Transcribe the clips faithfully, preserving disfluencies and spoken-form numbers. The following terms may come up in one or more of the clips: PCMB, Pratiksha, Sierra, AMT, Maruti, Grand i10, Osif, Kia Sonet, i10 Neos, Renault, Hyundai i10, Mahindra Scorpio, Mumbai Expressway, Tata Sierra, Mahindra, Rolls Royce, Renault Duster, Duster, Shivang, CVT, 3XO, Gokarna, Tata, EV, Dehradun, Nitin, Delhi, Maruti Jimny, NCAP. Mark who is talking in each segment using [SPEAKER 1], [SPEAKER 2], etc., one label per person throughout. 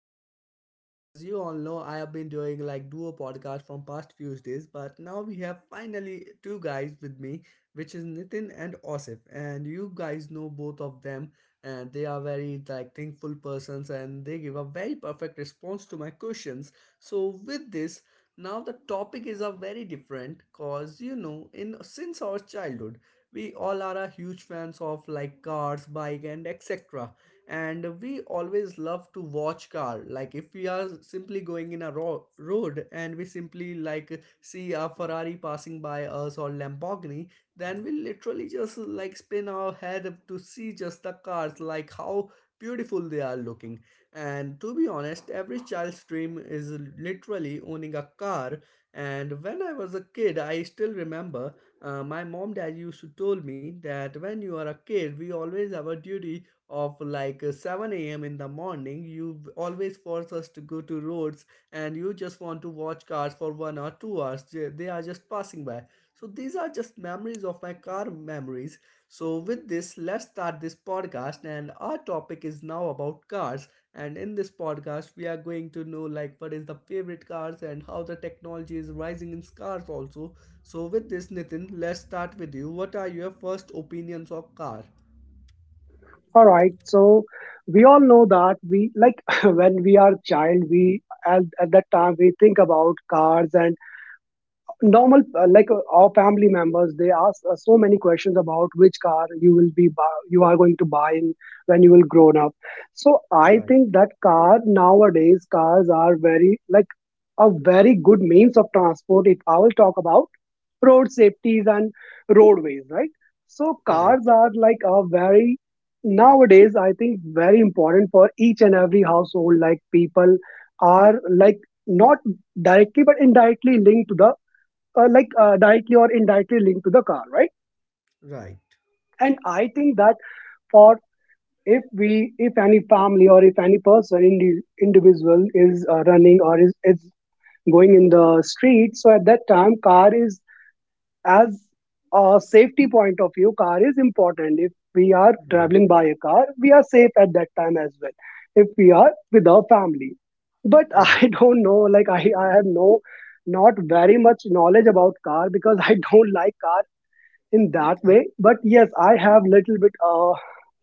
[SPEAKER 1] podcast. As you all know, I have been doing like duo podcast from past few days, but now we have finally two guys with me, which is Nitin and Osif. And you guys know both of them, and they are very like thankful persons, and they give a very perfect response to my questions. So, with this, now the topic is a very different, cause you know, in since our childhood we all are a huge fans of like cars bike and etc, and we always love to watch car like if we are simply going in a ro- road and we simply like see a Ferrari passing by us or Lamborghini, then we literally just like spin our head to see just the cars like how beautiful they are looking. And to be honest, every child's dream is literally owning a car. And when I was a kid, I still remember uh, my mom dad used to told me that when you are a kid, we always have a duty of like uh, seven a m in the morning. You always force us to go to roads and you just want to watch cars for one or two hours. They they are just passing by. So these are just memories of my car memories. So with this, let's start this podcast and our topic is now about cars. And in this podcast, we are going to know like what is the favorite cars and how the technology is rising in cars also. So with this, Nitin, let's start with you. What are your first opinions of car?
[SPEAKER 2] All right. So we all know that we like when we are child, we at, at that time we think about cars and normal uh, like uh, our family members they ask us so many questions about which car you will be bu- you are going to buy in when you will grown up. So I
[SPEAKER 1] Right,
[SPEAKER 2] think that car, nowadays cars are very like a very good means of transport, if I will talk about road safeties and roadways, right. So
[SPEAKER 1] right,
[SPEAKER 2] cars are like a very, nowadays I think, very important for each and every household. Like people are like not directly but indirectly linked to the uh, like uh, directly or indirectly linked to the car, right.
[SPEAKER 1] right,
[SPEAKER 2] And I think that for, if we, if any family or if any person indi- individual is uh, running or is, is going in the street, so at that time car is, as a safety point of view, car is important. If we are
[SPEAKER 1] right,
[SPEAKER 2] traveling by a car, we are safe at that time as well, if we are with our family. But
[SPEAKER 1] right.
[SPEAKER 2] I don't know, like i i have no, not very much knowledge about car because I don't like car in that
[SPEAKER 1] Okay,
[SPEAKER 2] way. But yes, I have little bit uh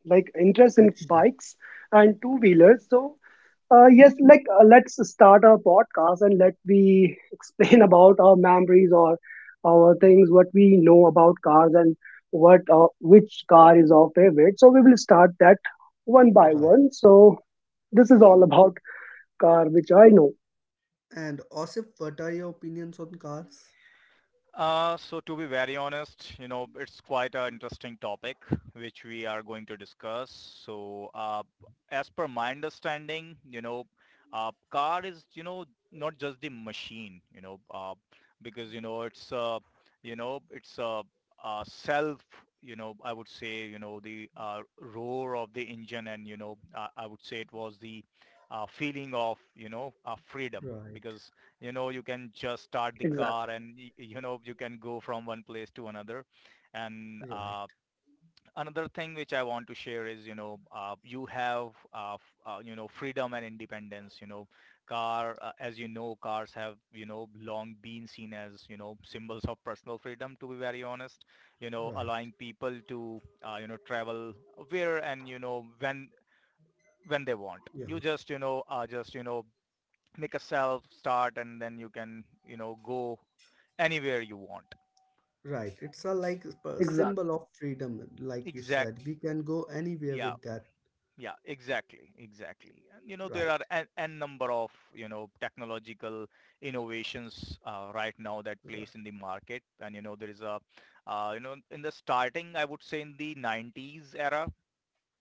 [SPEAKER 2] like interest in
[SPEAKER 1] perfection.
[SPEAKER 2] bikes and two wheelers. So uh, yes, like uh, let's start our podcast and let we explain about our memories or our things what we know about cars and what uh, which car is our favorite. So we will start that one by
[SPEAKER 1] Right.
[SPEAKER 2] one. So this is all about car which I know.
[SPEAKER 1] And Osif, what are your opinions on cars?
[SPEAKER 3] Uh, so to be very honest, you know, it's quite an interesting topic which we are going to discuss. So, uh, as per my understanding, you know, uh, car is, you know, not just the machine, you know, uh, because, you know, it's, uh, you know, it's a, a self, you know, I would say, you know, the uh, roar of the engine and, you know, uh, I would say it was the uh, feeling of, you know, uh, freedom
[SPEAKER 1] Right,
[SPEAKER 3] because you know you can just start the car
[SPEAKER 2] Exactly.
[SPEAKER 3] and you know you can go from one place to another and
[SPEAKER 1] right,
[SPEAKER 3] uh, another thing which I want to share is you know uh, you have uh, uh, you know freedom and independence. you know car uh, As you know, cars have, you know, long been seen as, you know, symbols of personal freedom, to be very honest, you know
[SPEAKER 1] right.
[SPEAKER 3] allowing people to, uh, you know travel where and, you know, when when they want.
[SPEAKER 1] Yeah,
[SPEAKER 3] You just you know uh, just you know Make a self start and then you can, you know, go anywhere you want.
[SPEAKER 1] right. It's a like a
[SPEAKER 2] Exactly.
[SPEAKER 1] symbol of freedom, like you
[SPEAKER 3] Exact
[SPEAKER 1] said. We can go anywhere
[SPEAKER 3] yeah
[SPEAKER 1] with that.
[SPEAKER 3] yeah, exactly exactly and you know there
[SPEAKER 1] Right,
[SPEAKER 3] are an, an number of, you know, technological innovations uh, right now that
[SPEAKER 1] right,
[SPEAKER 3] place in the market, and you know there is a uh, you know, in the starting, I would say, in the nineties era,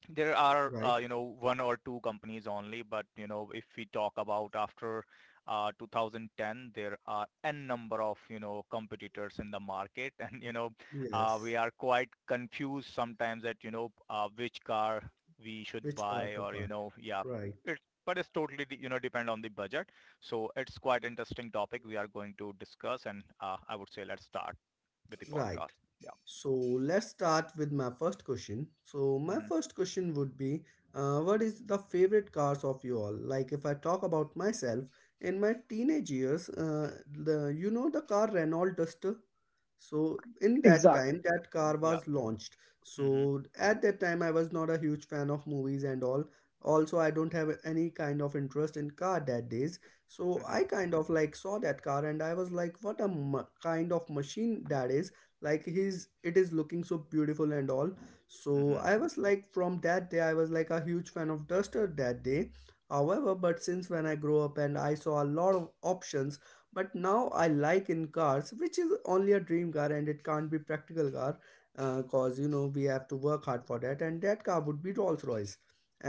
[SPEAKER 3] there are,
[SPEAKER 1] right.
[SPEAKER 3] uh, you know, one or two companies only, but, you know, if we talk about after uh, two thousand ten, there are n number of, you know, competitors in the market. And, you know, uh, we
[SPEAKER 1] Yes,
[SPEAKER 3] are quite confused sometimes that, you know, uh, which car we should
[SPEAKER 1] which car
[SPEAKER 3] buy,
[SPEAKER 1] to
[SPEAKER 3] or,
[SPEAKER 1] buy?
[SPEAKER 3] you know, yeah.
[SPEAKER 1] Right.
[SPEAKER 3] It's, but it's totally, you know, depend on the budget. So it's quite interesting topic we are going to discuss. And uh, I would say let's start with the
[SPEAKER 1] Right.
[SPEAKER 3] podcast. Yeah.
[SPEAKER 1] So let's start with my first question. So my
[SPEAKER 3] Hmm.
[SPEAKER 1] first question would be, uh, what is the favorite cars of you all? Like if I talk about myself, in my teenage years, uh, the you know the car Renault Duster. So in that time,
[SPEAKER 2] Exactly.
[SPEAKER 1] that car
[SPEAKER 3] Yeah.
[SPEAKER 1] was launched.
[SPEAKER 3] Hmm.
[SPEAKER 1] So at that time, I was not a huge fan of movies and all. Also, I don't have any kind of interest in car that days. So
[SPEAKER 3] Hmm.
[SPEAKER 1] I kind of like saw that car and I was like, what a ma- kind of machine that is, like his it is looking so beautiful and all. So
[SPEAKER 3] Hmm.
[SPEAKER 1] I was like from that day I was like a huge fan of Duster that day. However, but since when I grew up and I saw a lot of options, but now I like in cars which is only a dream car and it can't be practical car, uh, because you know we have to work hard for that. And that car would be Rolls Royce.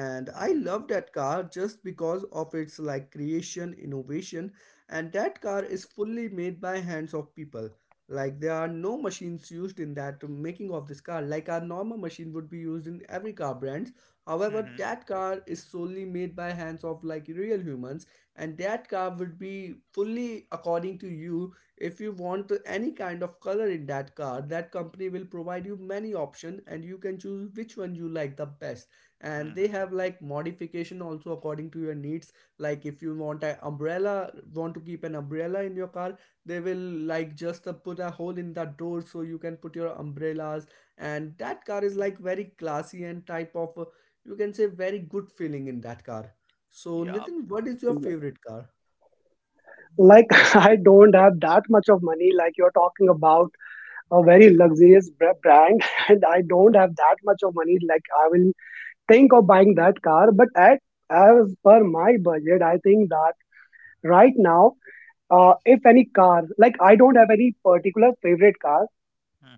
[SPEAKER 1] And I
[SPEAKER 3] Hmm.
[SPEAKER 1] love that car just because of its like creation innovation. And that car is fully made by hands of people. Like there are no machines used in that making of this car, like a normal machine would be used in every car brands. However,
[SPEAKER 3] Hmm.
[SPEAKER 1] that car is solely made by hands of like real humans. And that car would be fully according to you. If you want any kind of color in that car, that company will provide you many options and you can choose which one you like the best. And they
[SPEAKER 3] Mm-hmm.
[SPEAKER 1] have like modification also according to your needs. Like if you want an umbrella, want to keep an umbrella in your car, they will like just uh, put a hole in the door so you can put your umbrellas. And that car is like very classy and type of uh, you can say very good feeling in that car. So
[SPEAKER 3] Yep.
[SPEAKER 1] Nitin, what is your
[SPEAKER 2] Exact.
[SPEAKER 1] favorite car?
[SPEAKER 2] Like I don't have that much of money like you're talking about a very luxurious bra- brand and I don't have that much of money like I will think of buying that car. But at, as per my budget I think that right now, uh, if any car, like I don't have any particular favorite car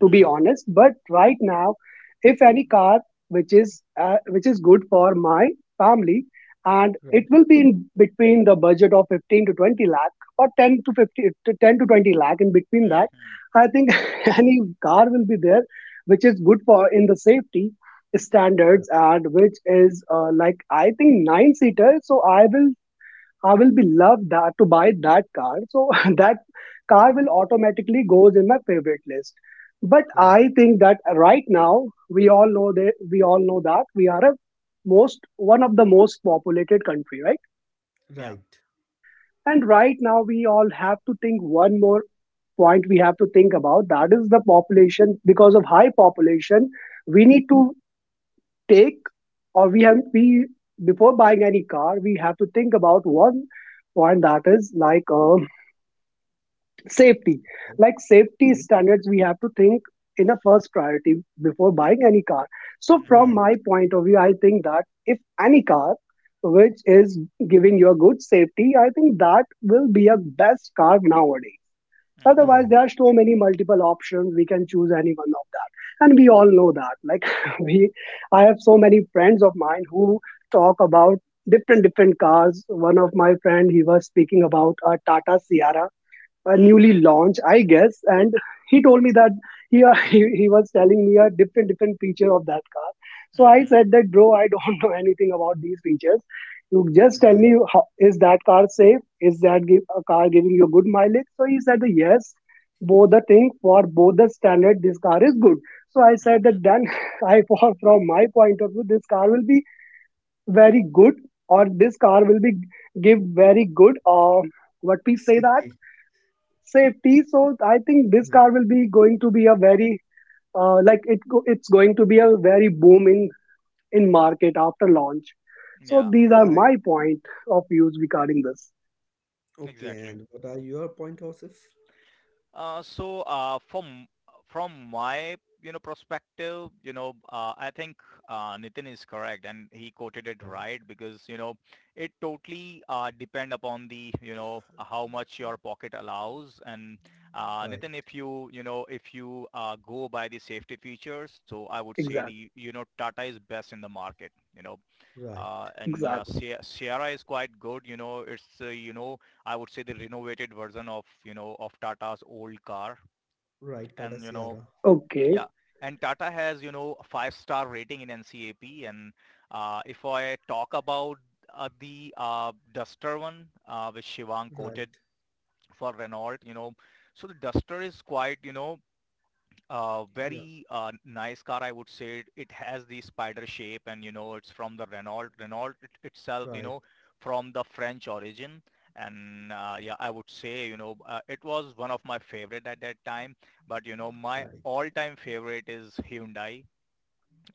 [SPEAKER 2] to be
[SPEAKER 1] Okay.
[SPEAKER 2] honest, but right now if any car which is uh, which is good for my family, and it
[SPEAKER 1] Right.
[SPEAKER 2] will be in between the budget of fifteen to twenty lakh, or ten to fifty to ten to twenty lakh, in between that,
[SPEAKER 3] Mm-hmm.
[SPEAKER 2] I think any car will be there which is good for in the safety
[SPEAKER 1] Right.
[SPEAKER 2] standards and which is uh, like I think nine seater, so i will I will be loved that to buy that car. So that car will automatically goes in my favorite list. But
[SPEAKER 1] Right.
[SPEAKER 2] I think that right now we all know that we all know that we are a most one of the most populated country, right?
[SPEAKER 3] Yep.
[SPEAKER 1] Right.
[SPEAKER 2] And right now we all have to think one more point, we have to think about, that is the population. Because of high population we need to take, or we have we, before buying any car we have to think about one point, that is like uh, safety,
[SPEAKER 1] Right.
[SPEAKER 2] like safety
[SPEAKER 1] Okay.
[SPEAKER 2] standards we have to think in a first priority before buying any car. So from
[SPEAKER 3] Mm-hmm.
[SPEAKER 2] my
[SPEAKER 1] Right.
[SPEAKER 2] point of view I think that if any car which is giving you a good safety, I think that will be a best car nowadays. Otherwise
[SPEAKER 3] Mm-hmm.
[SPEAKER 1] Right.
[SPEAKER 2] there are so many multiple options, we can choose any one of that. And we all know that like we I have so many friends of mine who talk about different different cars. One of my friend, he was speaking about a Tata Sierra, uh, newly
[SPEAKER 3] Mm-hmm.
[SPEAKER 2] launched, I guess. And he told me that he, he he was telling me a different different feature of that car. So I
[SPEAKER 3] Mm-hmm.
[SPEAKER 2] said that, bro, I don't know anything about these features. You just tell
[SPEAKER 1] Right.
[SPEAKER 2] me, how, is that car safe? Is that give, a car giving you good mileage? So he said that, yes, both the thing for both the standard, this car is good. So I said
[SPEAKER 3] Mm-hmm.
[SPEAKER 2] that then I for from my point of view, this car will be very good, or this car will be give very good, or what we say that,
[SPEAKER 1] Safety.
[SPEAKER 2] safety. So I think this
[SPEAKER 1] Right.
[SPEAKER 2] car will be going to be a very uh, like it go- it's going to be a very boom in in market after launch. So
[SPEAKER 3] Yeah.
[SPEAKER 2] these are
[SPEAKER 1] Right.
[SPEAKER 2] my point of views regarding this.
[SPEAKER 1] Okay.
[SPEAKER 3] Exactly.
[SPEAKER 1] And what are your point horses?
[SPEAKER 3] Uh, so uh, from from my, you know, perspective, you know, uh, I think uh, Nitin is correct and he quoted it
[SPEAKER 1] Right.
[SPEAKER 3] right, because you know it totally uh, depend upon the, you know, how much your pocket allows. And uh,
[SPEAKER 1] Right.
[SPEAKER 3] Nitin, if you, you know if you uh, go by the safety features, so I would say the,
[SPEAKER 2] Exactly.
[SPEAKER 3] you know, Tata is best in the market, you know. Uh,
[SPEAKER 1] Right.
[SPEAKER 3] and yeah,
[SPEAKER 2] Exactly.
[SPEAKER 3] Sie- Sierra is quite good. You know, it's uh, you know I would say the renovated version of, you know, of Tata's old car.
[SPEAKER 1] Right. Tata
[SPEAKER 3] And, you know,
[SPEAKER 1] Sierra.
[SPEAKER 2] Okay.
[SPEAKER 3] yeah. And Tata has, you know, a five-star rating in NCAP. And uh, if I talk about uh, the uh, Duster one, uh, which Shivang
[SPEAKER 1] Right.
[SPEAKER 3] quoted for Renault, you know, so the Duster is quite, you know, uh,
[SPEAKER 1] Yeah.
[SPEAKER 3] very uh, nice car, I would say. It it has the spider shape, and you know, it's from the Renault. Renault it, itself, you
[SPEAKER 1] Right.
[SPEAKER 3] know, from the French origin. And uh, yeah, I would say, you know, uh, it was one of my favorite at that time. But you know, my
[SPEAKER 1] Right.
[SPEAKER 3] all-time favorite is Hyundai,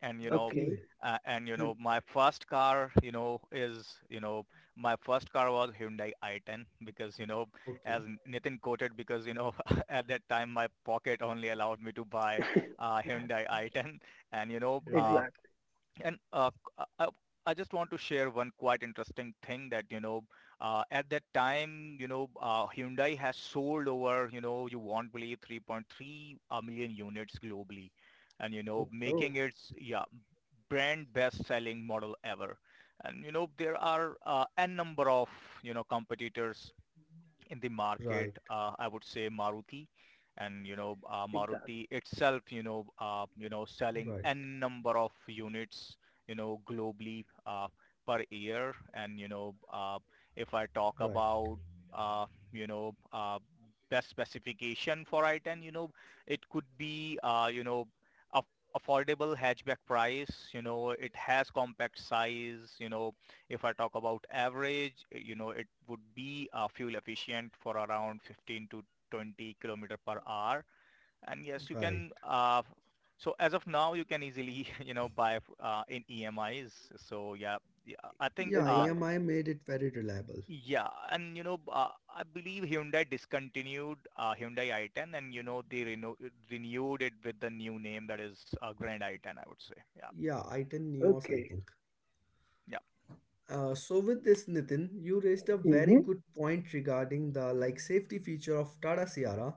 [SPEAKER 3] and you know
[SPEAKER 2] Okay.
[SPEAKER 1] Okay.
[SPEAKER 3] uh, and you
[SPEAKER 1] Hmm.
[SPEAKER 3] know my first car, you know is you know my first car was Hyundai i ten, because you know as
[SPEAKER 1] Okay.
[SPEAKER 3] N- Nitin quoted, because you know at that time my pocket only allowed me to buy uh, Hyundai i ten. And you know uh,
[SPEAKER 1] Right.
[SPEAKER 2] Exactly.
[SPEAKER 3] and uh, c- uh, uh, I just want to share one quite interesting thing, that, you know, uh, at that time, you know, uh, Hyundai has sold over, you know, you won't believe, three point three million units globally, and, you know,
[SPEAKER 1] Okay.
[SPEAKER 3] making
[SPEAKER 2] Oh,
[SPEAKER 3] its, yeah, brand best-selling model ever. And, you know, there are uh, n number of, you know, competitors in the market,
[SPEAKER 1] Right,
[SPEAKER 3] uh, I would say Maruti. And, you know, uh,
[SPEAKER 2] exactly.
[SPEAKER 3] Maruti itself, you know, uh, you know, selling
[SPEAKER 1] right,
[SPEAKER 3] n number of units, you know, globally uh, per year. And, you know, uh, if I talk
[SPEAKER 1] right,
[SPEAKER 3] about, uh, you know, uh, best specification for i ten, you know, it could be, uh, you know, aff- affordable hatchback price, you know, it has compact size, you know, if I talk about average, uh, you know, it would be uh, fuel efficient for around fifteen to twenty kilometer per hour. And yes, you
[SPEAKER 1] right.
[SPEAKER 3] can. Uh, so as of now, you can easily, you know, buy uh, in E M Is. So yeah, yeah, I think
[SPEAKER 1] Yeah,
[SPEAKER 3] uh,
[SPEAKER 2] Exactly.
[SPEAKER 1] E M I made it very reliable.
[SPEAKER 3] yeah, and you know, uh, I believe Hyundai discontinued uh, Hyundai i ten, and you know, they reno- renewed it with the new name, that is uh, Grand i ten, I would say. Yeah,
[SPEAKER 1] Yeah, i ten Neos, I
[SPEAKER 2] Okay.
[SPEAKER 1] think.
[SPEAKER 3] yeah,
[SPEAKER 1] Uh, so with this, Nitin, you raised a very
[SPEAKER 2] Mm-hmm.
[SPEAKER 1] good point regarding the like safety feature of Tata Sierra.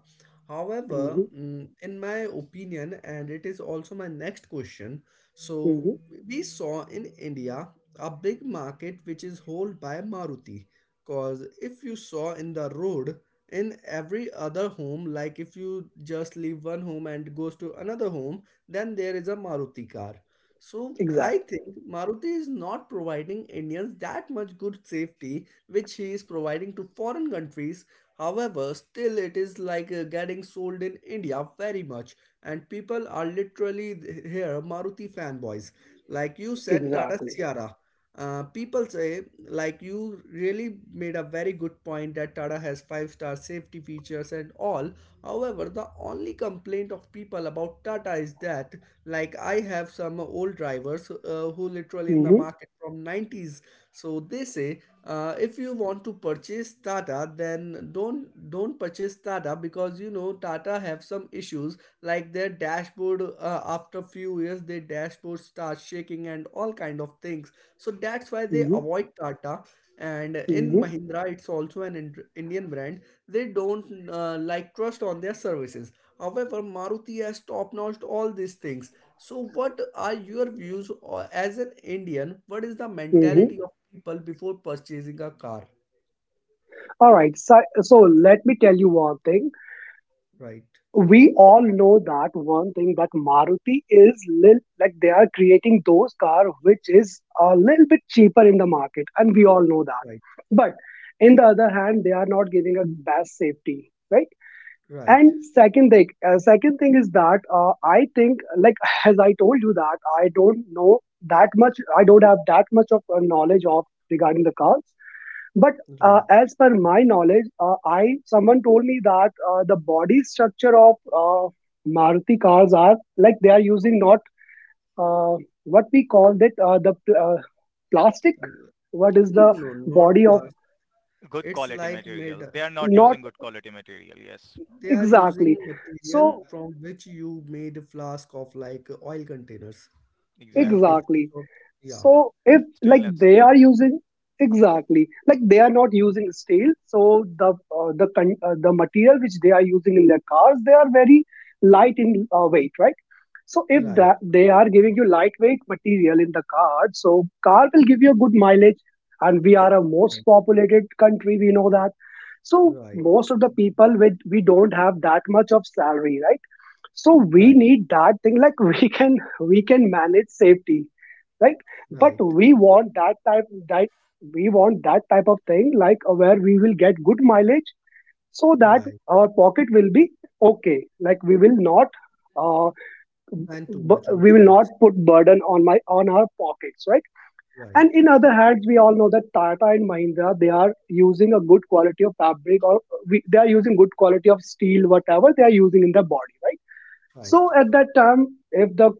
[SPEAKER 1] However,
[SPEAKER 2] Mm-hmm.
[SPEAKER 1] mm, in my opinion, and it is also my next question. So
[SPEAKER 2] Mm-hmm.
[SPEAKER 1] we saw in India a big market which is held by Maruti. Cause if you saw in the road, in every other home, like if you just leave one home and goes to another home, then there is a Maruti car. So I
[SPEAKER 2] Exactly.
[SPEAKER 1] think Maruti is not providing Indians that much good safety which he is providing to foreign countries. However, still it is like uh, getting sold in India very much and people are literally th- here Maruti fanboys. Like you said Tata
[SPEAKER 2] Exactly.
[SPEAKER 1] Sierra. Uh, people say like you really made a very good point that Tata has five star safety features and all. However, the only complaint of people about Tata is that like I have some old drivers uh, who literally in the
[SPEAKER 2] Mm-hmm.
[SPEAKER 1] market from nineties. So they say uh, if you want to purchase Tata, then don't don't purchase Tata because you know Tata have some issues like their dashboard uh, after few years their dashboard starts shaking and all kind of things. So that's why they
[SPEAKER 2] Mm-hmm.
[SPEAKER 1] avoid Tata. And in
[SPEAKER 2] Mm-hmm.
[SPEAKER 1] Mahindra, it's also an Ind- Indian brand. They don't uh, like trust on their services. However, Maruti has top notched all these things. So, what are your views or as an Indian? What is the
[SPEAKER 2] Mm-hmm.
[SPEAKER 1] mentality of people before purchasing a car?
[SPEAKER 2] All right. So, so let me tell you one thing.
[SPEAKER 1] Right,
[SPEAKER 2] We all know that one thing, that Maruti is little, like they are creating those car which is a little bit cheaper in the market, and we all know that.
[SPEAKER 1] right,
[SPEAKER 2] But in the other hand, they are not giving a best safety, right?
[SPEAKER 1] right,
[SPEAKER 2] And second thing, uh, second thing is that uh, I think like, as I told you that I don't know that much. I don't have that much of uh, knowledge of regarding the cars. But uh,
[SPEAKER 1] right.
[SPEAKER 2] as per my knowledge, uh, I someone told me that uh, the body structure of uh, Maruti cars are like, they are using not uh, what we call it uh, the pl- uh, plastic.
[SPEAKER 1] L-
[SPEAKER 2] What is
[SPEAKER 1] No,
[SPEAKER 2] the
[SPEAKER 1] no, not
[SPEAKER 2] body of
[SPEAKER 1] last.
[SPEAKER 3] good
[SPEAKER 1] It's
[SPEAKER 3] quality
[SPEAKER 1] like made.
[SPEAKER 3] material. They are not
[SPEAKER 2] not
[SPEAKER 3] using good quality material. Yes.
[SPEAKER 1] They are
[SPEAKER 2] exactly?
[SPEAKER 1] using material
[SPEAKER 3] Hmm.
[SPEAKER 2] So
[SPEAKER 1] from which you made a flask of like oil containers. Like if
[SPEAKER 3] Exactly.
[SPEAKER 1] you
[SPEAKER 2] exactly.
[SPEAKER 1] saw, yeah,
[SPEAKER 3] Hmm.
[SPEAKER 2] So if like
[SPEAKER 3] Stainless
[SPEAKER 2] they are
[SPEAKER 3] steel.
[SPEAKER 2] using exactly, like they are
[SPEAKER 3] Hmm.
[SPEAKER 2] not using steel, so the uh, the con- uh, the material which they are using in their cars, they are very light in uh, weight, right? So if
[SPEAKER 1] right,
[SPEAKER 2] that they are giving you lightweight material in the car, so car will give you a good mileage. And we are a most populated country, we know that. So
[SPEAKER 1] right,
[SPEAKER 2] most of the people, with we don't have that much of salary, right? So we
[SPEAKER 1] right,
[SPEAKER 2] need that thing like we can we can manage safety, right? But
[SPEAKER 1] right,
[SPEAKER 2] we want that type that we want that type of thing like uh, where we will get good mileage, so that
[SPEAKER 1] right, right.
[SPEAKER 2] our pocket will be okay. Like we will not uh,
[SPEAKER 1] Spend too
[SPEAKER 2] bu-
[SPEAKER 1] much on
[SPEAKER 2] we will
[SPEAKER 1] fuels.
[SPEAKER 2] not put burden on my on our pockets, right.
[SPEAKER 1] Right,
[SPEAKER 2] And in other hands we all know that Tata and Mahindra, they are using a good quality of fabric or uh, we, they are using good quality of steel, whatever they are using in the body, right.
[SPEAKER 1] right,
[SPEAKER 2] So at that time if the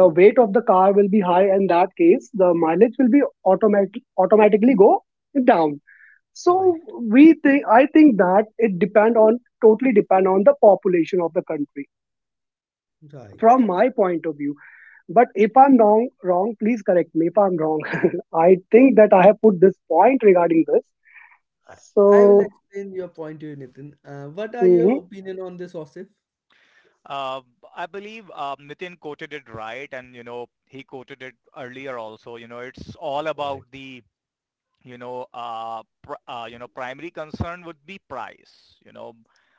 [SPEAKER 2] the weight of the car will be high, in that case the mileage will be automatic automatically go down. So
[SPEAKER 1] right,
[SPEAKER 2] we think I think that it depend on totally depend on the population of the country,
[SPEAKER 1] right.
[SPEAKER 2] from my point of view. But if I'm wrong, wrong, please correct me if I'm wrong. I think that I have put this point regarding this.
[SPEAKER 1] I, I will
[SPEAKER 2] So,
[SPEAKER 1] explain your point to you, Nitin. Uh, what are
[SPEAKER 2] hmm,
[SPEAKER 1] your opinion on this, Osif?
[SPEAKER 3] Uh, b- I believe uh, Nitin quoted it right, and you know he quoted it earlier also. You know, it's all about
[SPEAKER 1] Right,
[SPEAKER 3] the, you know, uh, pr- uh, you know, primary concern would be price, you know.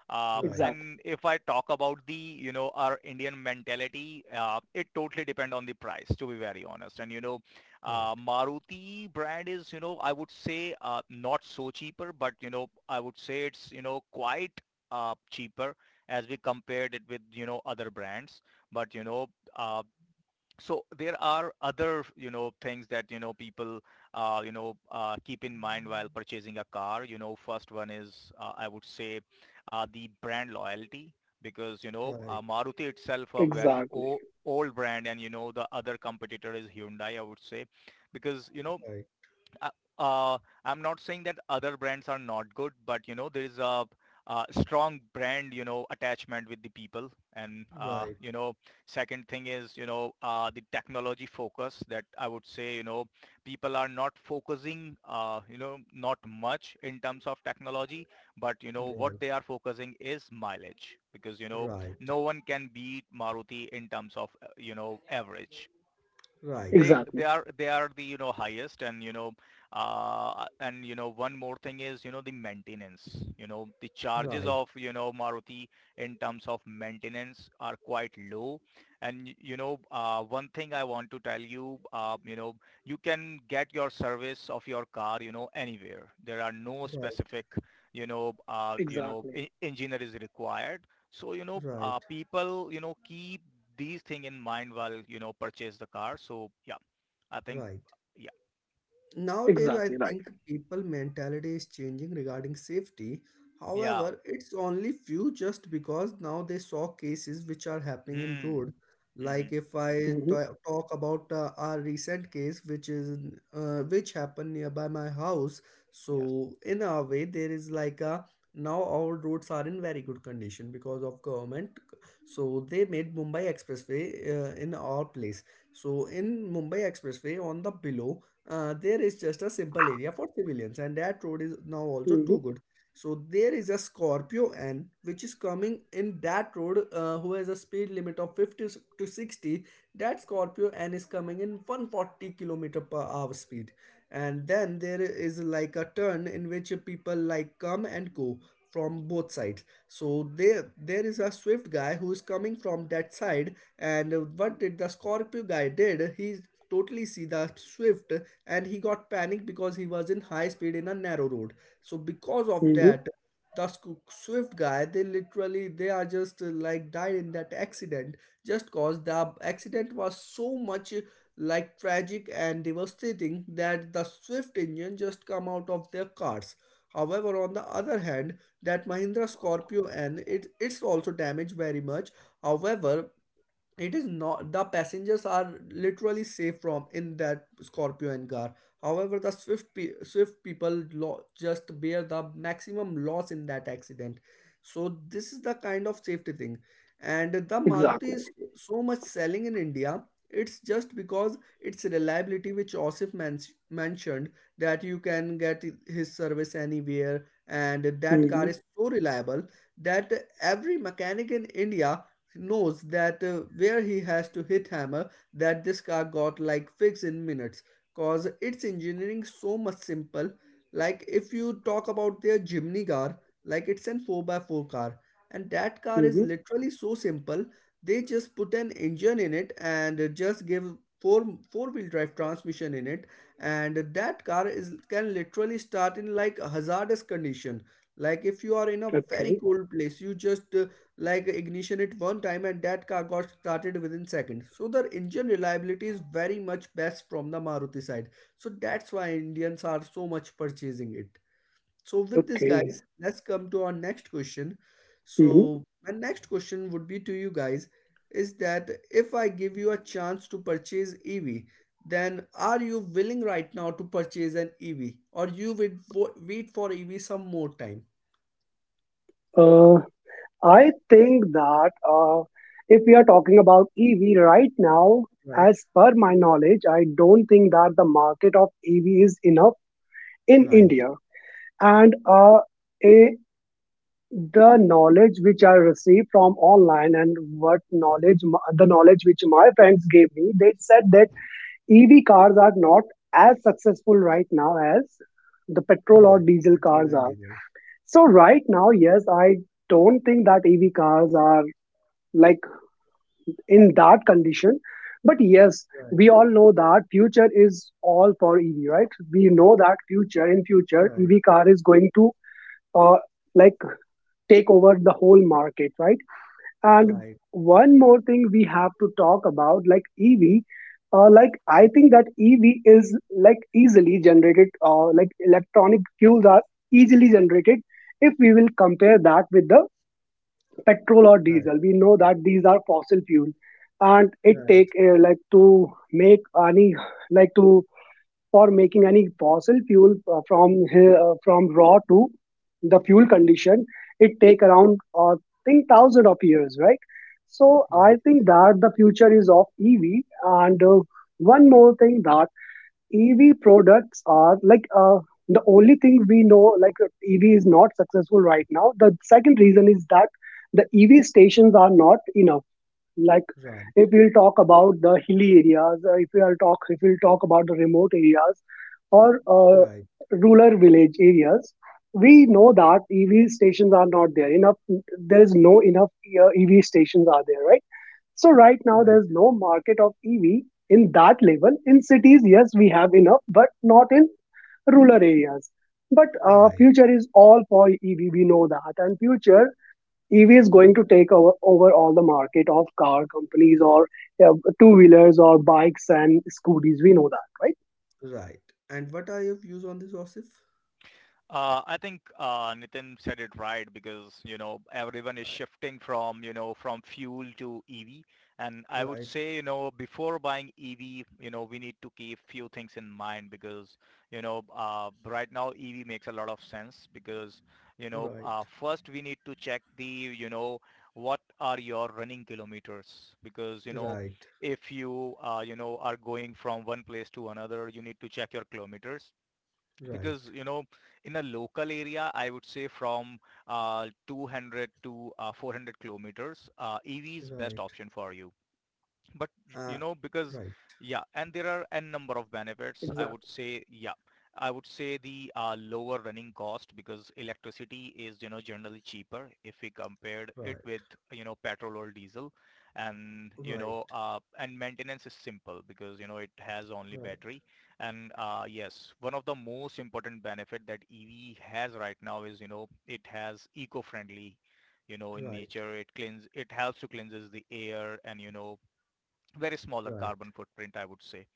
[SPEAKER 3] Uh,
[SPEAKER 1] right,
[SPEAKER 2] exactly,
[SPEAKER 3] and if I talk about the, you know, our Indian mentality, uh, it totally depends on the price, to be very honest. And, you know, uh,
[SPEAKER 1] right,
[SPEAKER 3] Maruti brand is, you know, I would say uh, not so cheaper, but, you know, I would say it's, you know, quite uh, cheaper as we compared it with, you know, other brands. But, you know, uh, so there are other, you know, things that, you know, people uh, you know uh, keep in mind while purchasing a car. You know, first one is, uh, I would say uh, the brand loyalty, because you know uh,
[SPEAKER 1] right,
[SPEAKER 3] Maruti itself a very
[SPEAKER 2] exactly,
[SPEAKER 3] o- old brand, and you know the other competitor is Hyundai, I would say, because you know uh, uh, I'm not saying that other brands are not good, but you know, there is a, uh strong brand, you know, attachment with the people. And,
[SPEAKER 1] right,
[SPEAKER 3] uh,
[SPEAKER 1] right,
[SPEAKER 3] you know, second thing is, you know, uh, the technology focus, that I would say, you know, people are not focusing, uh, you know, not much in terms of technology, but, you know, what
[SPEAKER 1] right,
[SPEAKER 3] they are focusing is mileage, because, you know,
[SPEAKER 1] right,
[SPEAKER 3] no one can beat Maruti in terms of, uh, you know, average.
[SPEAKER 1] right,
[SPEAKER 3] they they
[SPEAKER 2] exactly,
[SPEAKER 3] are they are the, you know, highest. And you know uh and you know one more thing is, you know, the maintenance, you know, the charges of, you know, Maruti in terms of maintenance are quite low. And you know uh, one thing I want to tell you, uh, you know you can get your service of your car, you know, anywhere. There are no
[SPEAKER 1] right,
[SPEAKER 3] specific, you know uh, you know
[SPEAKER 2] exactly,
[SPEAKER 3] e- engineer is required. So, you know,
[SPEAKER 1] right, right,
[SPEAKER 3] uh, people, you know, keep these thing in mind while, you know, purchase the car. So, yeah, I think,
[SPEAKER 1] right.
[SPEAKER 3] yeah,
[SPEAKER 1] Nowadays, I
[SPEAKER 2] exactly right.
[SPEAKER 1] think people mentality is changing regarding safety.
[SPEAKER 3] yeah.
[SPEAKER 1] However, it's only few just because now they saw cases which are happening in
[SPEAKER 3] Hmm.
[SPEAKER 1] road.
[SPEAKER 3] Mm-hmm.
[SPEAKER 1] Like if I
[SPEAKER 2] Mm-hmm,
[SPEAKER 1] ta- talk about uh, our recent case, which is in- uh, which happened nearby my house.
[SPEAKER 3] Yes.
[SPEAKER 1] So in our way, there is like a now our roads are in very good condition because of government. So they made Mumbai Expressway uh, in our place. So in Mumbai Expressway on the below uh, there is just a simple area for civilians and that road is now also
[SPEAKER 2] mm-hmm,
[SPEAKER 1] too good. So there is a Scorpio N which is coming in that road uh, who has a speed limit of fifty s- to sixty. That Scorpio N is coming in one forty kilometer per hour speed. And then there is like a turn in which people like come and go from both sides. So there there is a swift guy who is coming from that side. And uh, what did the scorpio guy did, he totally see the swift, and he got panicked because he was in high speed in a narrow road. So because of
[SPEAKER 2] mm-hmm,
[SPEAKER 1] that, the squ- swift guy, they literally they are just uh, like died in that accident. Just cause the accident was so much uh, like tragic and devastating that the swift engine just come out of their cars. However, on the other hand, that Mahindra Scorpio and, it it's also damaged very much. However, it is not, the passengers are literally safe from in that Scorpio and car. However, the swift pe- swift people lo- just bear the maximum loss in that accident. So this is the kind of safety thing. And the Maruti
[SPEAKER 2] exactly.
[SPEAKER 1] is so much selling in India. It's just because its reliability which Osif men- mentioned. That you can get his service anywhere and that car
[SPEAKER 2] Mm-hmm,
[SPEAKER 1] is so reliable that every mechanic in India knows that uh, where he has to hit hammer, that this car got like fixed in minutes. Cause its engineering so much simple. Like if you talk about their Jimny car, like it's an four by four car. And that car is
[SPEAKER 2] mm-hmm,
[SPEAKER 1] literally so simple. They just put an engine in it and uh, just give four four wheel drive transmission in it. And that car is can literally start in like a hazardous condition. Like if you are in a very
[SPEAKER 2] okay,
[SPEAKER 1] cold place, you just uh, like ignition at one time and that car got started within seconds. So the engine reliability is very much best from the Maruti side. So that's why Indians are so much purchasing it. So with this
[SPEAKER 2] okay.
[SPEAKER 1] guys, let's come to our next question.
[SPEAKER 2] Mm-hmm.
[SPEAKER 1] So my next question would be to you guys is that if I give you a chance to purchase EV, then are you willing right now to purchase an ev or you would wo- wait for ev some more time?
[SPEAKER 2] Uh, I think that uh, if we are talking about E V right now,
[SPEAKER 1] Right,
[SPEAKER 2] as per my knowledge, I don't think that the market of E V is enough in
[SPEAKER 1] right,
[SPEAKER 2] India. And uh, a, the knowledge which I received from online, and what knowledge m- the knowledge which my friends gave me, they said that E V cars are not as successful right now as the petrol or
[SPEAKER 1] right.
[SPEAKER 2] diesel
[SPEAKER 1] Petrol
[SPEAKER 2] cars
[SPEAKER 1] and
[SPEAKER 2] are.
[SPEAKER 1] diesel.
[SPEAKER 2] So right now, yes, I don't think that E V cars are like in that condition. But yes,
[SPEAKER 1] Right.
[SPEAKER 2] we all know that future is all for E V, right? We know that future in future
[SPEAKER 1] Right,
[SPEAKER 2] E V car is going to uh, like take over the whole market, right? And
[SPEAKER 1] right,
[SPEAKER 2] one more thing we have to talk about, like E V. Uh, like I
[SPEAKER 1] mm,
[SPEAKER 2] think that E V is like easily generated. Uh, like electronic fuels are easily generated. If we will compare that with the petrol or
[SPEAKER 1] right,
[SPEAKER 2] diesel, we know that these are fossil fuel, and it take
[SPEAKER 1] right,
[SPEAKER 2] uh, like to make any like to for making any fossil fuel uh, from uh, from raw to the fuel condition, it take around uh, think thousand of years, right. So I
[SPEAKER 1] right,
[SPEAKER 2] think that the future is of EV. And uh, one more thing that EV products are like, uh, the only thing we know like, uh, EV is not successful right now. The second reason is that the EV stations are not enough. Like
[SPEAKER 1] right,
[SPEAKER 2] if we'll talk about the hilly areas, uh, if we'll talk if we'll talk about the remote areas or uh,
[SPEAKER 1] right,
[SPEAKER 2] rural village areas, we know that EV stations are not there enough. There is no enough uh, EV stations are there, right. So right now
[SPEAKER 1] right,
[SPEAKER 2] there's no market of EV in that level. In cities, yes, we have enough, but not in rural areas. But uh,
[SPEAKER 1] right,
[SPEAKER 2] future is all for EV, we know that. And future E V is going to take over, over all the market of car companies or uh, two wheelers or bikes and scooters. We know that, right?
[SPEAKER 1] right. And what are your views on this, Osif?
[SPEAKER 3] Uh, I think uh, Nitin said it right, because you know everyone is
[SPEAKER 1] Right,
[SPEAKER 3] shifting from, you know, from fuel to E V, and I would
[SPEAKER 1] right,
[SPEAKER 3] say, you know, before buying E V, you know we need to keep few things in mind, because you know uh, right now E V makes a lot of sense, because you know
[SPEAKER 1] right,
[SPEAKER 3] uh, first we need to check the, you know, what are your running kilometers, because you know
[SPEAKER 1] right,
[SPEAKER 3] if you, uh, you know are going from one place to another, you need to check your kilometers,
[SPEAKER 1] right,
[SPEAKER 3] because you know in a local area I would say from uh, two hundred to uh, four hundred kilometers, uh, ev is best
[SPEAKER 1] right,
[SPEAKER 3] option for you. But
[SPEAKER 1] uh,
[SPEAKER 3] you know because
[SPEAKER 1] right,
[SPEAKER 3] Yeah, and there are n number of benefits, I would
[SPEAKER 2] Exactly.
[SPEAKER 3] say. Yeah, I would say the uh, lower running cost, because electricity is, you know, generally cheaper if we compared it
[SPEAKER 1] right,
[SPEAKER 3] with, you know, petrol or diesel. And you
[SPEAKER 1] right,
[SPEAKER 3] know uh, and maintenance is simple, because you know it has only
[SPEAKER 1] right,
[SPEAKER 3] battery. And uh, yes, one of the most important benefit that ev has right now is, you know, it has eco-friendly, you know, in
[SPEAKER 1] right,
[SPEAKER 3] nature. It cleans, it helps to cleanses the air, and you know very smaller
[SPEAKER 1] right,
[SPEAKER 3] carbon footprint, I would say.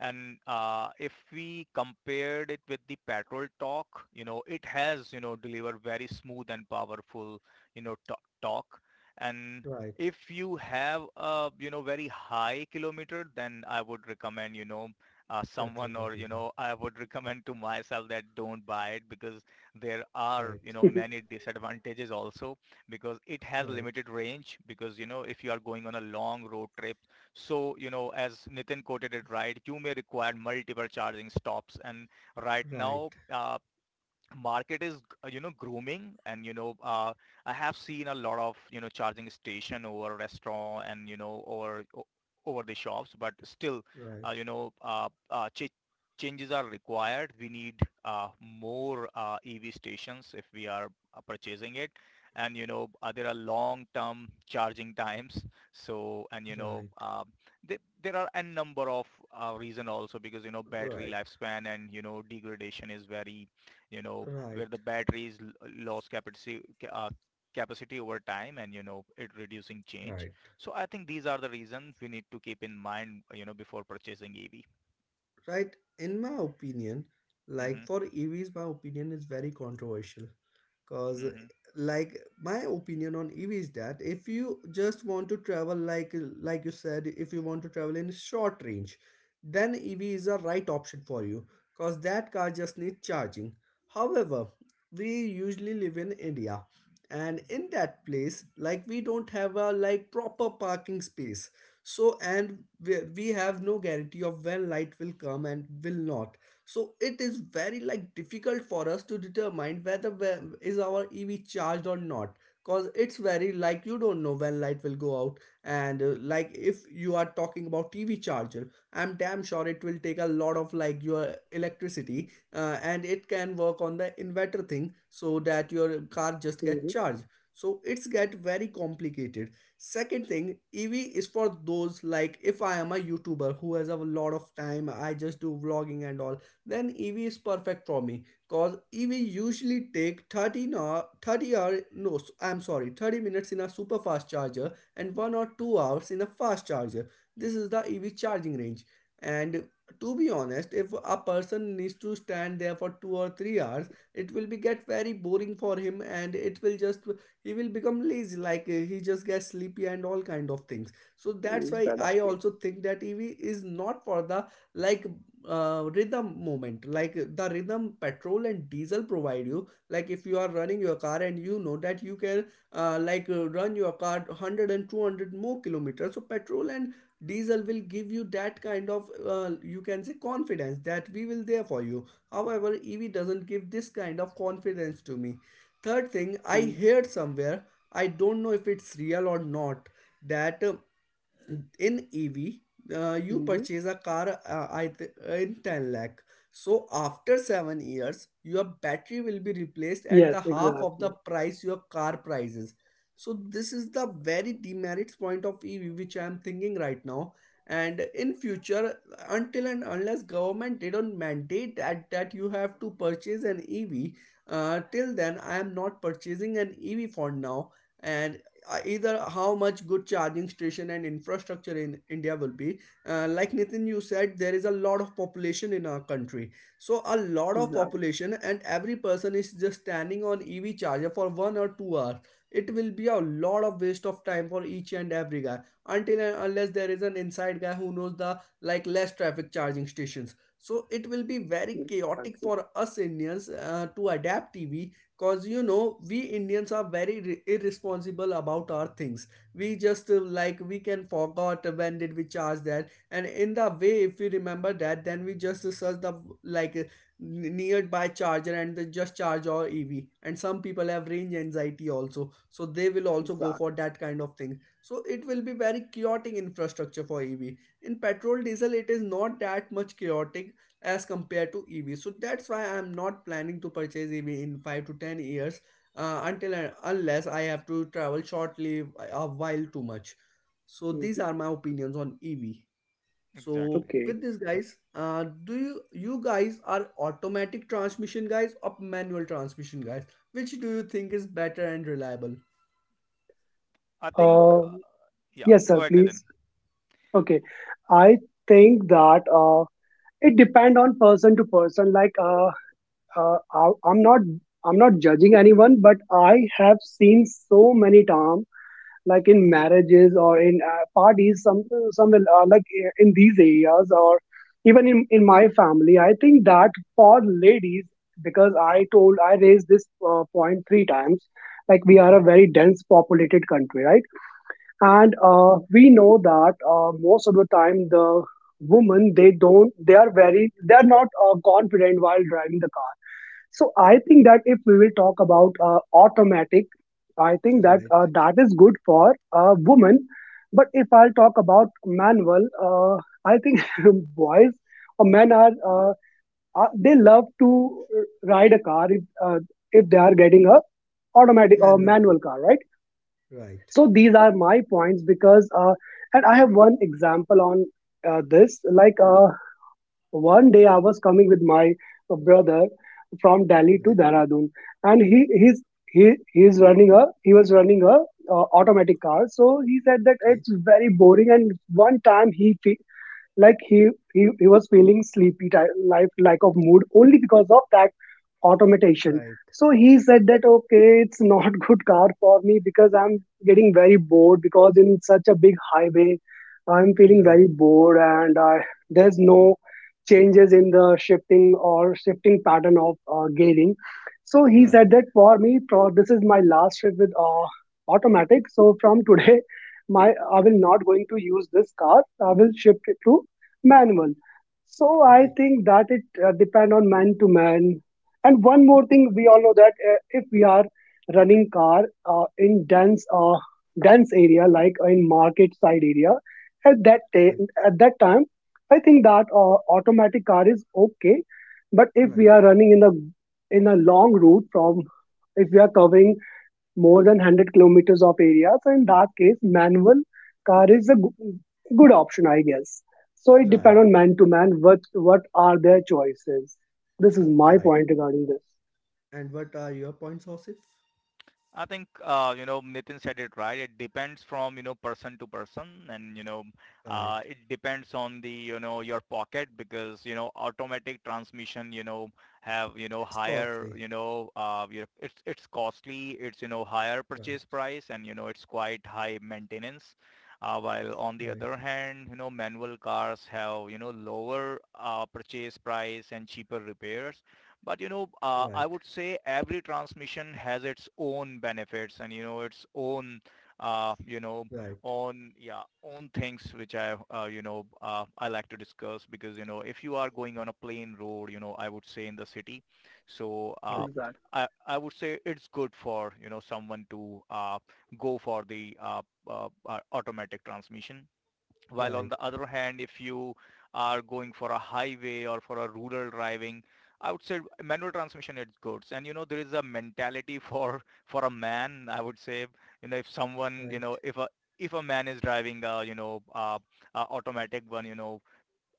[SPEAKER 3] And uh, if we compared it with the petrol talk, you know, it has, you know, delivered very smooth and powerful, you know, to- talk. And
[SPEAKER 1] right.
[SPEAKER 3] if you have a, you know, very high kilometer, then I would recommend, you know, uh,
[SPEAKER 1] Petrol
[SPEAKER 3] someone,
[SPEAKER 1] or
[SPEAKER 3] or, you
[SPEAKER 1] diesel.
[SPEAKER 3] know, I would recommend to myself that don't buy it, because there are,
[SPEAKER 1] Right,
[SPEAKER 3] you know, many disadvantages also, because it has
[SPEAKER 1] right,
[SPEAKER 3] limited range, because, you know, if you are going on a long road trip, so, you know, as Nitin quoted it right, you may require multiple charging stops. And right
[SPEAKER 1] right,
[SPEAKER 3] now, uh, market is uh, you know grooming and you know uh, I have seen a lot of you know charging station over restaurant and you know over o- over the shops but still
[SPEAKER 1] right, right,
[SPEAKER 3] uh, you know uh, uh, ch- changes are required. We need uh, more uh, ev stations if we are uh, purchasing it. And you know uh, There are long term charging times, so and you know
[SPEAKER 1] right,
[SPEAKER 3] uh, th- there are a number of uh, reason also because you know battery lifespan and you know degradation is very you know, where
[SPEAKER 1] right,
[SPEAKER 3] the batteries l- lost capacity ca- uh, capacity over time and you know it reducing change.
[SPEAKER 1] right,
[SPEAKER 3] So I think these are the reasons we need to keep in mind, you know, before purchasing E V.
[SPEAKER 1] right. In my opinion, like
[SPEAKER 3] Mm-hmm.
[SPEAKER 1] for E Vs, my opinion is very controversial. Cause
[SPEAKER 3] Mm-hmm.
[SPEAKER 1] like my opinion on E V is that if you just want to travel, like like you said, if you want to travel in short range, then E V is a right option for you because that car just needs charging. However, we usually live in India and in that place like we don't have a like proper parking space, so and we, we have no guarantee of when light will come and will not, so it is very like difficult for us to determine whether whe- is our ev charged or not, cause it's very like you don't know when light will go out. And uh, like if you are talking about tv charger, I'm damn sure it will take a lot of like your electricity, uh, and it can work on the inverter thing so that your car just get
[SPEAKER 2] Hmm.
[SPEAKER 1] charged, so it's get very complicated. Second thing, EV is for those, like if I am a youtuber who has a lot of time, I just do vlogging and all, then E V is perfect for me because E V usually take thirty or thirty hour, no, i I'm sorry, thirty minutes in a super fast charger and one or two hours in a fast charger. This is the E V charging range. And to be honest, if a person needs to stand there for two or three hours, it will be get very boring for him and it will just he will become lazy, like uh, he just gets sleepy and all kind of things, so that's
[SPEAKER 2] He's
[SPEAKER 1] why
[SPEAKER 2] fed up.
[SPEAKER 1] I
[SPEAKER 2] Yeah.
[SPEAKER 1] also think that EV is not for the, like uh, rhythm moment, like the rhythm petrol and diesel provide you, like if you are running your car and you know that you can uh, like uh, run your car one hundred and two hundred more kilometers, so petrol and diesel will give you that kind of uh, you can say confidence that we will there for you. However, EV doesn't give this kind of confidence to me. Third thing, I heard somewhere, I don't know if it's real or not, that uh, in E V, uh, you
[SPEAKER 2] Mm-hmm.
[SPEAKER 1] purchase a car uh, in ten lakh. So after seven years, your battery will be replaced at
[SPEAKER 2] Yes,
[SPEAKER 1] the half of the
[SPEAKER 2] exactly.
[SPEAKER 1] price your car prices. So this is the very demerits point of E V which I am thinking right now. And in future, until and unless government they don't mandate that, that, you have to purchase an E V, uh, till then I am not purchasing an E V for now. And uh, either how much good charging station and infrastructure in India will be, uh, like Nitin, you said there is a lot of population in our country, so a lot of
[SPEAKER 2] Exactly.
[SPEAKER 1] population and every person is just standing on ev charger for one or two hours, it will be a lot of waste of time for each and every guy, until and unless there is an inside guy who knows the like less traffic charging stations, so it will be very chaotic
[SPEAKER 2] Exactly.
[SPEAKER 1] for us Indians uh, to adapt EV. Cause you know we Indians are very re- irresponsible about our things. We just uh, like we can forgot when did we charge that, and in the way if we remember that, then we just search the, like uh, n- nearby charger and they just charge our E V. And some people have range anxiety also, so they will also go for
[SPEAKER 2] Exactly.
[SPEAKER 1] that kind of thing. So it will be very chaotic infrastructure for E V. In petrol diesel, it is not that much chaotic as compared to E V. So that's why I'm not planning to purchase E V in five to ten years uh, until and unless I have to travel shortly uh, a while too much. So these
[SPEAKER 2] Hmm.
[SPEAKER 1] are my opinions on E V. So
[SPEAKER 3] Exactly.
[SPEAKER 2] Okay.
[SPEAKER 1] with this guys, uh, do you you guys are automatic transmission guys or manual transmission guys? Which do you think is better and reliable?
[SPEAKER 3] I think
[SPEAKER 2] Uh,
[SPEAKER 3] uh, yeah.
[SPEAKER 2] yes,
[SPEAKER 3] Go
[SPEAKER 2] sir,
[SPEAKER 3] ahead, Nathan.
[SPEAKER 2] please. Okay. I think that uh, it depend on person to person. Like, uh, uh, I, I'm not. I'm not judging anyone, but I have seen so many times like in
[SPEAKER 1] Yeah.
[SPEAKER 2] marriages or in uh, parties, some some uh, like uh, in these areas or even in, in my family. I think that for ladies, because I told, I raised this uh, point three times. Like, we are a very dense populated country, right? And uh, we know that uh, most of the time the women they don't they are very they are not uh, confident while driving the car. So I think that if we will talk about uh, automatic, I think that
[SPEAKER 1] Right.
[SPEAKER 2] uh, that is good for uh, women. But if I'll talk about manual, uh, I think boys or men are, uh, are they love to ride a car if uh, if they are getting a automatic or
[SPEAKER 1] Manual. Truck.
[SPEAKER 2] manual car, right?
[SPEAKER 1] Right.
[SPEAKER 2] So these are my points, because, uh, and I have one example on uh, this. Like, uh, one day I was coming with my uh, brother from Delhi to
[SPEAKER 1] Right.
[SPEAKER 2] Dehradun, and he he's he he's running a he was running a uh, automatic car. So he said that
[SPEAKER 1] Okay.
[SPEAKER 2] it's very boring, and one time he fe- like he he, he was feeling sleepy, ti- like lack of mood, only because of that automation.
[SPEAKER 1] Right.
[SPEAKER 2] So he said that, okay, it's not good car for me, because I'm getting very bored, because in such a big highway I'm feeling
[SPEAKER 1] Right.
[SPEAKER 2] very bored, and uh, there's no changes in the shifting or shifting pattern of uh, gearing. So he
[SPEAKER 1] Right.
[SPEAKER 2] said that, for me, pro- this is my last trip with uh, automatic. So from today, my I will not going to use this car, I will shift it to manual. So I
[SPEAKER 1] Right.
[SPEAKER 2] think that it uh, depend on man to man. And one more thing, we all know that uh, if we are running car uh, in dense uh, dense area, like in market side area, at that day
[SPEAKER 1] Right.
[SPEAKER 2] at that time, I think that uh, automatic car is okay. But if we
[SPEAKER 1] Right.
[SPEAKER 2] are running in the in a long route, from if we are covering more than one hundred kilometers of area. So in that case, manual car is a g- good option, I guess. So it
[SPEAKER 1] Right.
[SPEAKER 2] depends on man to man, what what are their choices. This is my
[SPEAKER 1] Right.
[SPEAKER 2] point regarding this.
[SPEAKER 1] And what are your points, Osif?
[SPEAKER 3] I think uh, you know Nitin said it right. It depends from you know person to person, and you know
[SPEAKER 1] Right.
[SPEAKER 3] uh, it depends on the you know your pocket because you know automatic transmission you know have you know
[SPEAKER 1] It's
[SPEAKER 3] higher
[SPEAKER 1] costly.
[SPEAKER 3] you know uh, your- it's it's costly. It's you know higher
[SPEAKER 1] Right,
[SPEAKER 3] purchase price, and you know it's quite high maintenance. Uh, while on the
[SPEAKER 1] right,
[SPEAKER 3] other hand, you know manual cars have you know lower uh, purchase price and cheaper repairs, but you know, uh,
[SPEAKER 1] right,
[SPEAKER 3] I would say every transmission has its own benefits and you know its own, uh, you know,
[SPEAKER 1] right,
[SPEAKER 3] own yeah own things which I uh, you know uh, I like to discuss because you know if you are going on a plain road, you know I would say in the city. So
[SPEAKER 1] right,
[SPEAKER 3] uh,
[SPEAKER 2] Exactly.
[SPEAKER 3] I I would say it's good for you know someone to uh, go for the uh, uh, uh, automatic transmission, while on
[SPEAKER 1] right,
[SPEAKER 3] the other hand, if you are going for a highway or for a rural driving, I would say manual transmission is good. And you know, there is a mentality for for a man, I would say, you know, if someone, you
[SPEAKER 1] right,
[SPEAKER 3] know, if a if a man is driving a, you know, uh, uh, automatic one, you know,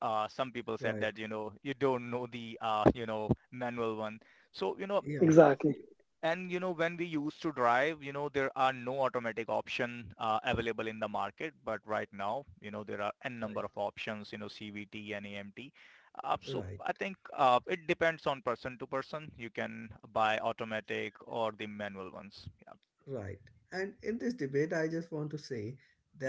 [SPEAKER 3] uh, some people said
[SPEAKER 1] right.
[SPEAKER 3] that, you know, you don't know the, uh, you know, manual one. So, you know,
[SPEAKER 1] Yeah,
[SPEAKER 2] Exactly.
[SPEAKER 3] and you know, when we used to drive, you know, there are no automatic option uh, available in the market, but right now, you know, there are n
[SPEAKER 1] right,
[SPEAKER 3] number of options, you know, C V T and A M T. Uh, so
[SPEAKER 1] right.
[SPEAKER 3] I think uh, it depends on person to person. You can buy automatic or the manual ones. Yeah.
[SPEAKER 1] Right. And in this debate, I just want to say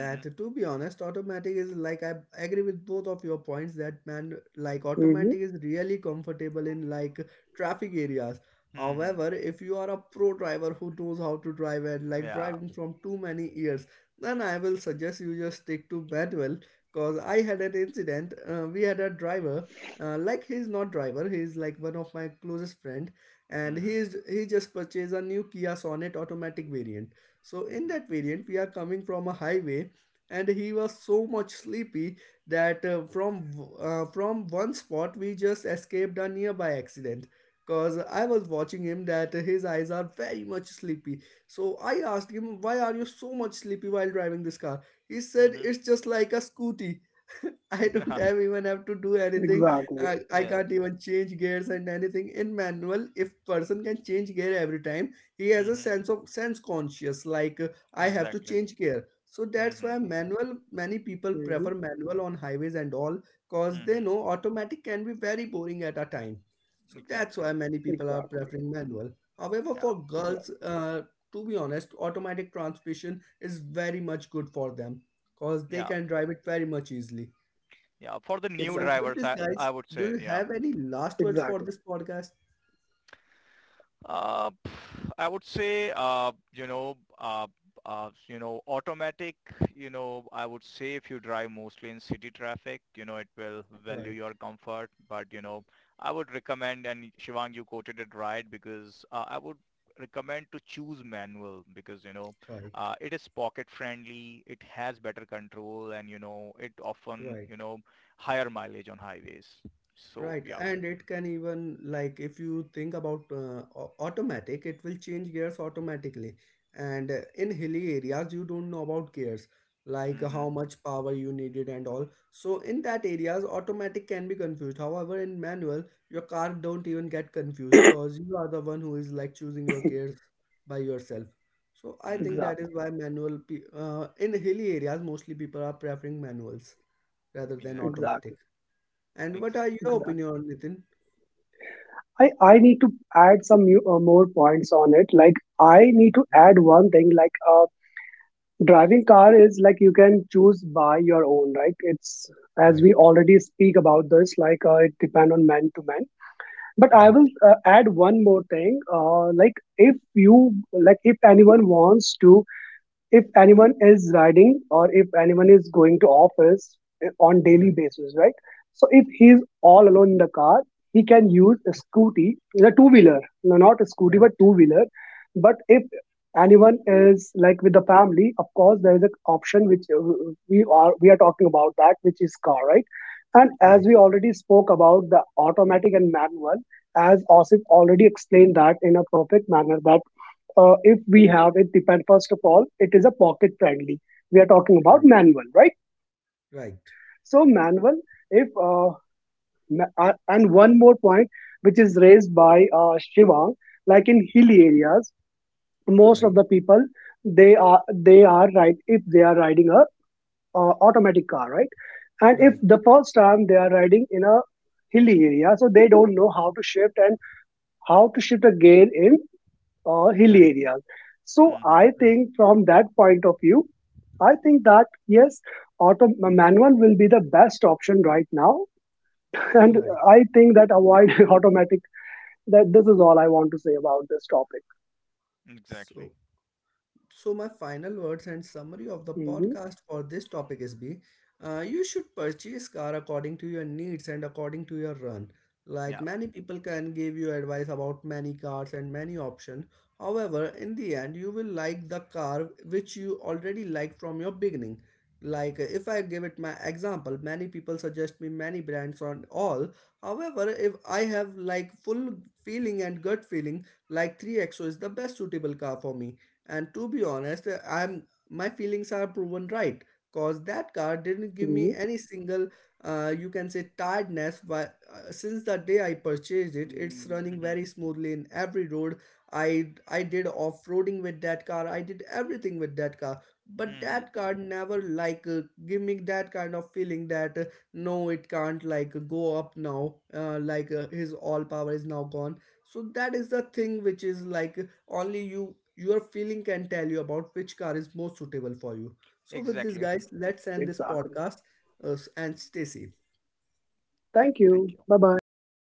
[SPEAKER 3] Mm-hmm.
[SPEAKER 1] to be honest, automatic is like I agree with both of your points that man, like
[SPEAKER 2] Hmm.
[SPEAKER 1] automatic is really comfortable in like traffic areas.
[SPEAKER 3] Mm-hmm.
[SPEAKER 1] However, if you are a pro driver who knows how to drive and like
[SPEAKER 3] Yeah.
[SPEAKER 1] driving from too many years, then I will suggest you just stick to manual. Cause I had an incident. Uh, we had a driver. Uh, like he's not driver, he's like one of my closest friend, and
[SPEAKER 3] Mm-hmm.
[SPEAKER 1] he is he just purchased a new Kia Sonet automatic variant. So in
[SPEAKER 3] Mm-hmm.
[SPEAKER 1] that variant, we are coming from a highway, and he was so much sleepy that uh, from uh, from one spot we just escaped a nearby accident. Cause I was watching him that his eyes are very much sleepy. So I asked him, "Why are you so much sleepy while driving this car?" He said,
[SPEAKER 3] Mm-hmm.
[SPEAKER 1] "It's just like a scooty." I don't
[SPEAKER 3] Yeah.
[SPEAKER 1] have even have to do anything.
[SPEAKER 2] Exactly.
[SPEAKER 1] I, I
[SPEAKER 3] Yeah.
[SPEAKER 1] can't even change gears and anything in manual. If person can change gear every time, he has a
[SPEAKER 3] Mm-hmm.
[SPEAKER 1] sense of sense conscious, like uh, I have to
[SPEAKER 3] Exactly.
[SPEAKER 1] change gear, so that's
[SPEAKER 3] Mm-hmm.
[SPEAKER 1] why manual many people
[SPEAKER 2] Hmm.
[SPEAKER 1] prefer manual on highways and all, cause they
[SPEAKER 3] Mm-hmm.
[SPEAKER 1] know automatic can be very boring at a time, so that's
[SPEAKER 3] Exactly.
[SPEAKER 1] why many people are
[SPEAKER 2] Exactly.
[SPEAKER 1] preferring manual. However,
[SPEAKER 3] Yeah.
[SPEAKER 1] for girls,
[SPEAKER 2] Exactly.
[SPEAKER 1] uh, to be honest automatic transmission is very much good for them, cause they
[SPEAKER 3] Yeah.
[SPEAKER 1] can drive it very much easily.
[SPEAKER 3] Yeah. For the new
[SPEAKER 1] So,
[SPEAKER 2] Exactly.
[SPEAKER 1] with
[SPEAKER 3] drivers,
[SPEAKER 1] this,
[SPEAKER 3] I
[SPEAKER 1] guys,
[SPEAKER 3] I would
[SPEAKER 1] do
[SPEAKER 3] say,
[SPEAKER 1] you
[SPEAKER 3] yeah.
[SPEAKER 1] have any last words for
[SPEAKER 2] Exactly.
[SPEAKER 1] this podcast?
[SPEAKER 3] Uh, pff, I would say, uh, you know, uh, uh, you know, automatic, you know, I would say if you drive mostly in city traffic, you know, it will value
[SPEAKER 1] Right,
[SPEAKER 3] your comfort. But, you know, I would recommend, and Shivang, you quoted it right, because uh, I would recommend to choose manual because, you know,
[SPEAKER 1] right,
[SPEAKER 3] uh, it is pocket friendly, it has better control, and, you know, it often,
[SPEAKER 1] right.
[SPEAKER 3] you know, higher mileage on highways. So,
[SPEAKER 1] Right,
[SPEAKER 3] yeah.
[SPEAKER 1] and it can even like if you think about uh, au- automatic, it will change gears automatically. And uh, in hilly areas, you don't know about gears, like
[SPEAKER 3] Mm-hmm.
[SPEAKER 1] how much power you needed and all. So in that areas, automatic can be confused. However, in manual, your car don't even get confused because you are the one who is like choosing your gears by yourself. So I think
[SPEAKER 3] Mm-hmm.
[SPEAKER 1] that is
[SPEAKER 2] Exactly.
[SPEAKER 1] why manual pe uh, in hilly areas mostly people are preferring manuals rather than
[SPEAKER 3] Exact.
[SPEAKER 1] automatic.
[SPEAKER 2] Exactly.
[SPEAKER 1] And what are
[SPEAKER 3] Exact.
[SPEAKER 1] your
[SPEAKER 2] Exactly.
[SPEAKER 1] opinion, on Nitin?
[SPEAKER 2] I, I need to add some new, uh, more points on it. Like, I need to
[SPEAKER 1] Right,
[SPEAKER 2] add one thing. Like, uh, driving car is like you can choose by your own, right? It's, as
[SPEAKER 1] right,
[SPEAKER 2] we already speak about this, like, uh, it depend on man to man. But I
[SPEAKER 1] right,
[SPEAKER 2] will uh, add one more thing, uh, like if you, like if anyone wants to, if anyone is riding or if anyone is going to office, eh, on daily
[SPEAKER 1] right,
[SPEAKER 2] basis, right? So if he's all alone in the car, he can use a scooty, a two wheeler, no, not a scooty,
[SPEAKER 1] right,
[SPEAKER 2] but two wheeler. But if anyone is like with the family, of course, there is an option which, uh, we are we are talking about, that which is car, right? And
[SPEAKER 1] right,
[SPEAKER 2] as
[SPEAKER 1] right,
[SPEAKER 2] we already spoke about the automatic and manual, as Osip already explained that in a perfect manner, that uh, if we have, it depend, first of all, it is a pocket friendly, we are talking about
[SPEAKER 1] right,
[SPEAKER 2] manual, right?
[SPEAKER 1] right,
[SPEAKER 2] So manual, if uh, ma- uh, and one more point which is raised by uh, Shivang, like in hilly areas, most of the people, they are they are right if they are riding a uh, automatic car, right? And if
[SPEAKER 1] right,
[SPEAKER 2] the first time they are riding in a hilly area, so they don't know how to shift and how to shift a gear in uh, hilly
[SPEAKER 1] right,
[SPEAKER 2] areas. So
[SPEAKER 3] Mm-hmm.
[SPEAKER 2] I
[SPEAKER 1] right.
[SPEAKER 2] think from that point of view, I think that, yes, auto manual will be the best option right now, and
[SPEAKER 1] Right.
[SPEAKER 2] I think that avoid automatic. That this is all I want to say about this topic.
[SPEAKER 3] Exactly.
[SPEAKER 1] So, So, my final words and summary of the
[SPEAKER 2] Hmm.
[SPEAKER 1] podcast for this topic is be, Uh, you should purchase car according to your needs and according to your run. Like
[SPEAKER 3] Yeah.
[SPEAKER 1] many people can give you advice about many cars and many options. However, in the end, you will like the car which you already liked from your beginning. Like if I give it my example, many people suggest me many brands on all. However, if I have like full feeling and gut feeling, like 3XO is the best suitable car for me, and to be honest, I'm my feelings are proven right because that car didn't give me
[SPEAKER 2] Hmm.
[SPEAKER 1] any single uh, you can say tiredness. Why uh, since the day I purchased it, it's Mm, running
[SPEAKER 3] Hmm.
[SPEAKER 1] very smoothly in every road. I i did off-roading with that car, I did everything with that car, but that
[SPEAKER 3] Hmm.
[SPEAKER 1] car never like uh, give me that kind of feeling that uh, no it can't like go up now, uh, like uh, his all power is now gone. So that is the thing which is like only you your feeling can tell you about which car is most suitable for you. So with this
[SPEAKER 3] Exactly.
[SPEAKER 1] guys, let's end this
[SPEAKER 2] Exactly.
[SPEAKER 1] podcast uh, and stay safe.
[SPEAKER 2] Thank
[SPEAKER 3] Thank
[SPEAKER 2] you.
[SPEAKER 3] you.
[SPEAKER 2] Bye bye.
[SPEAKER 3] Thank you.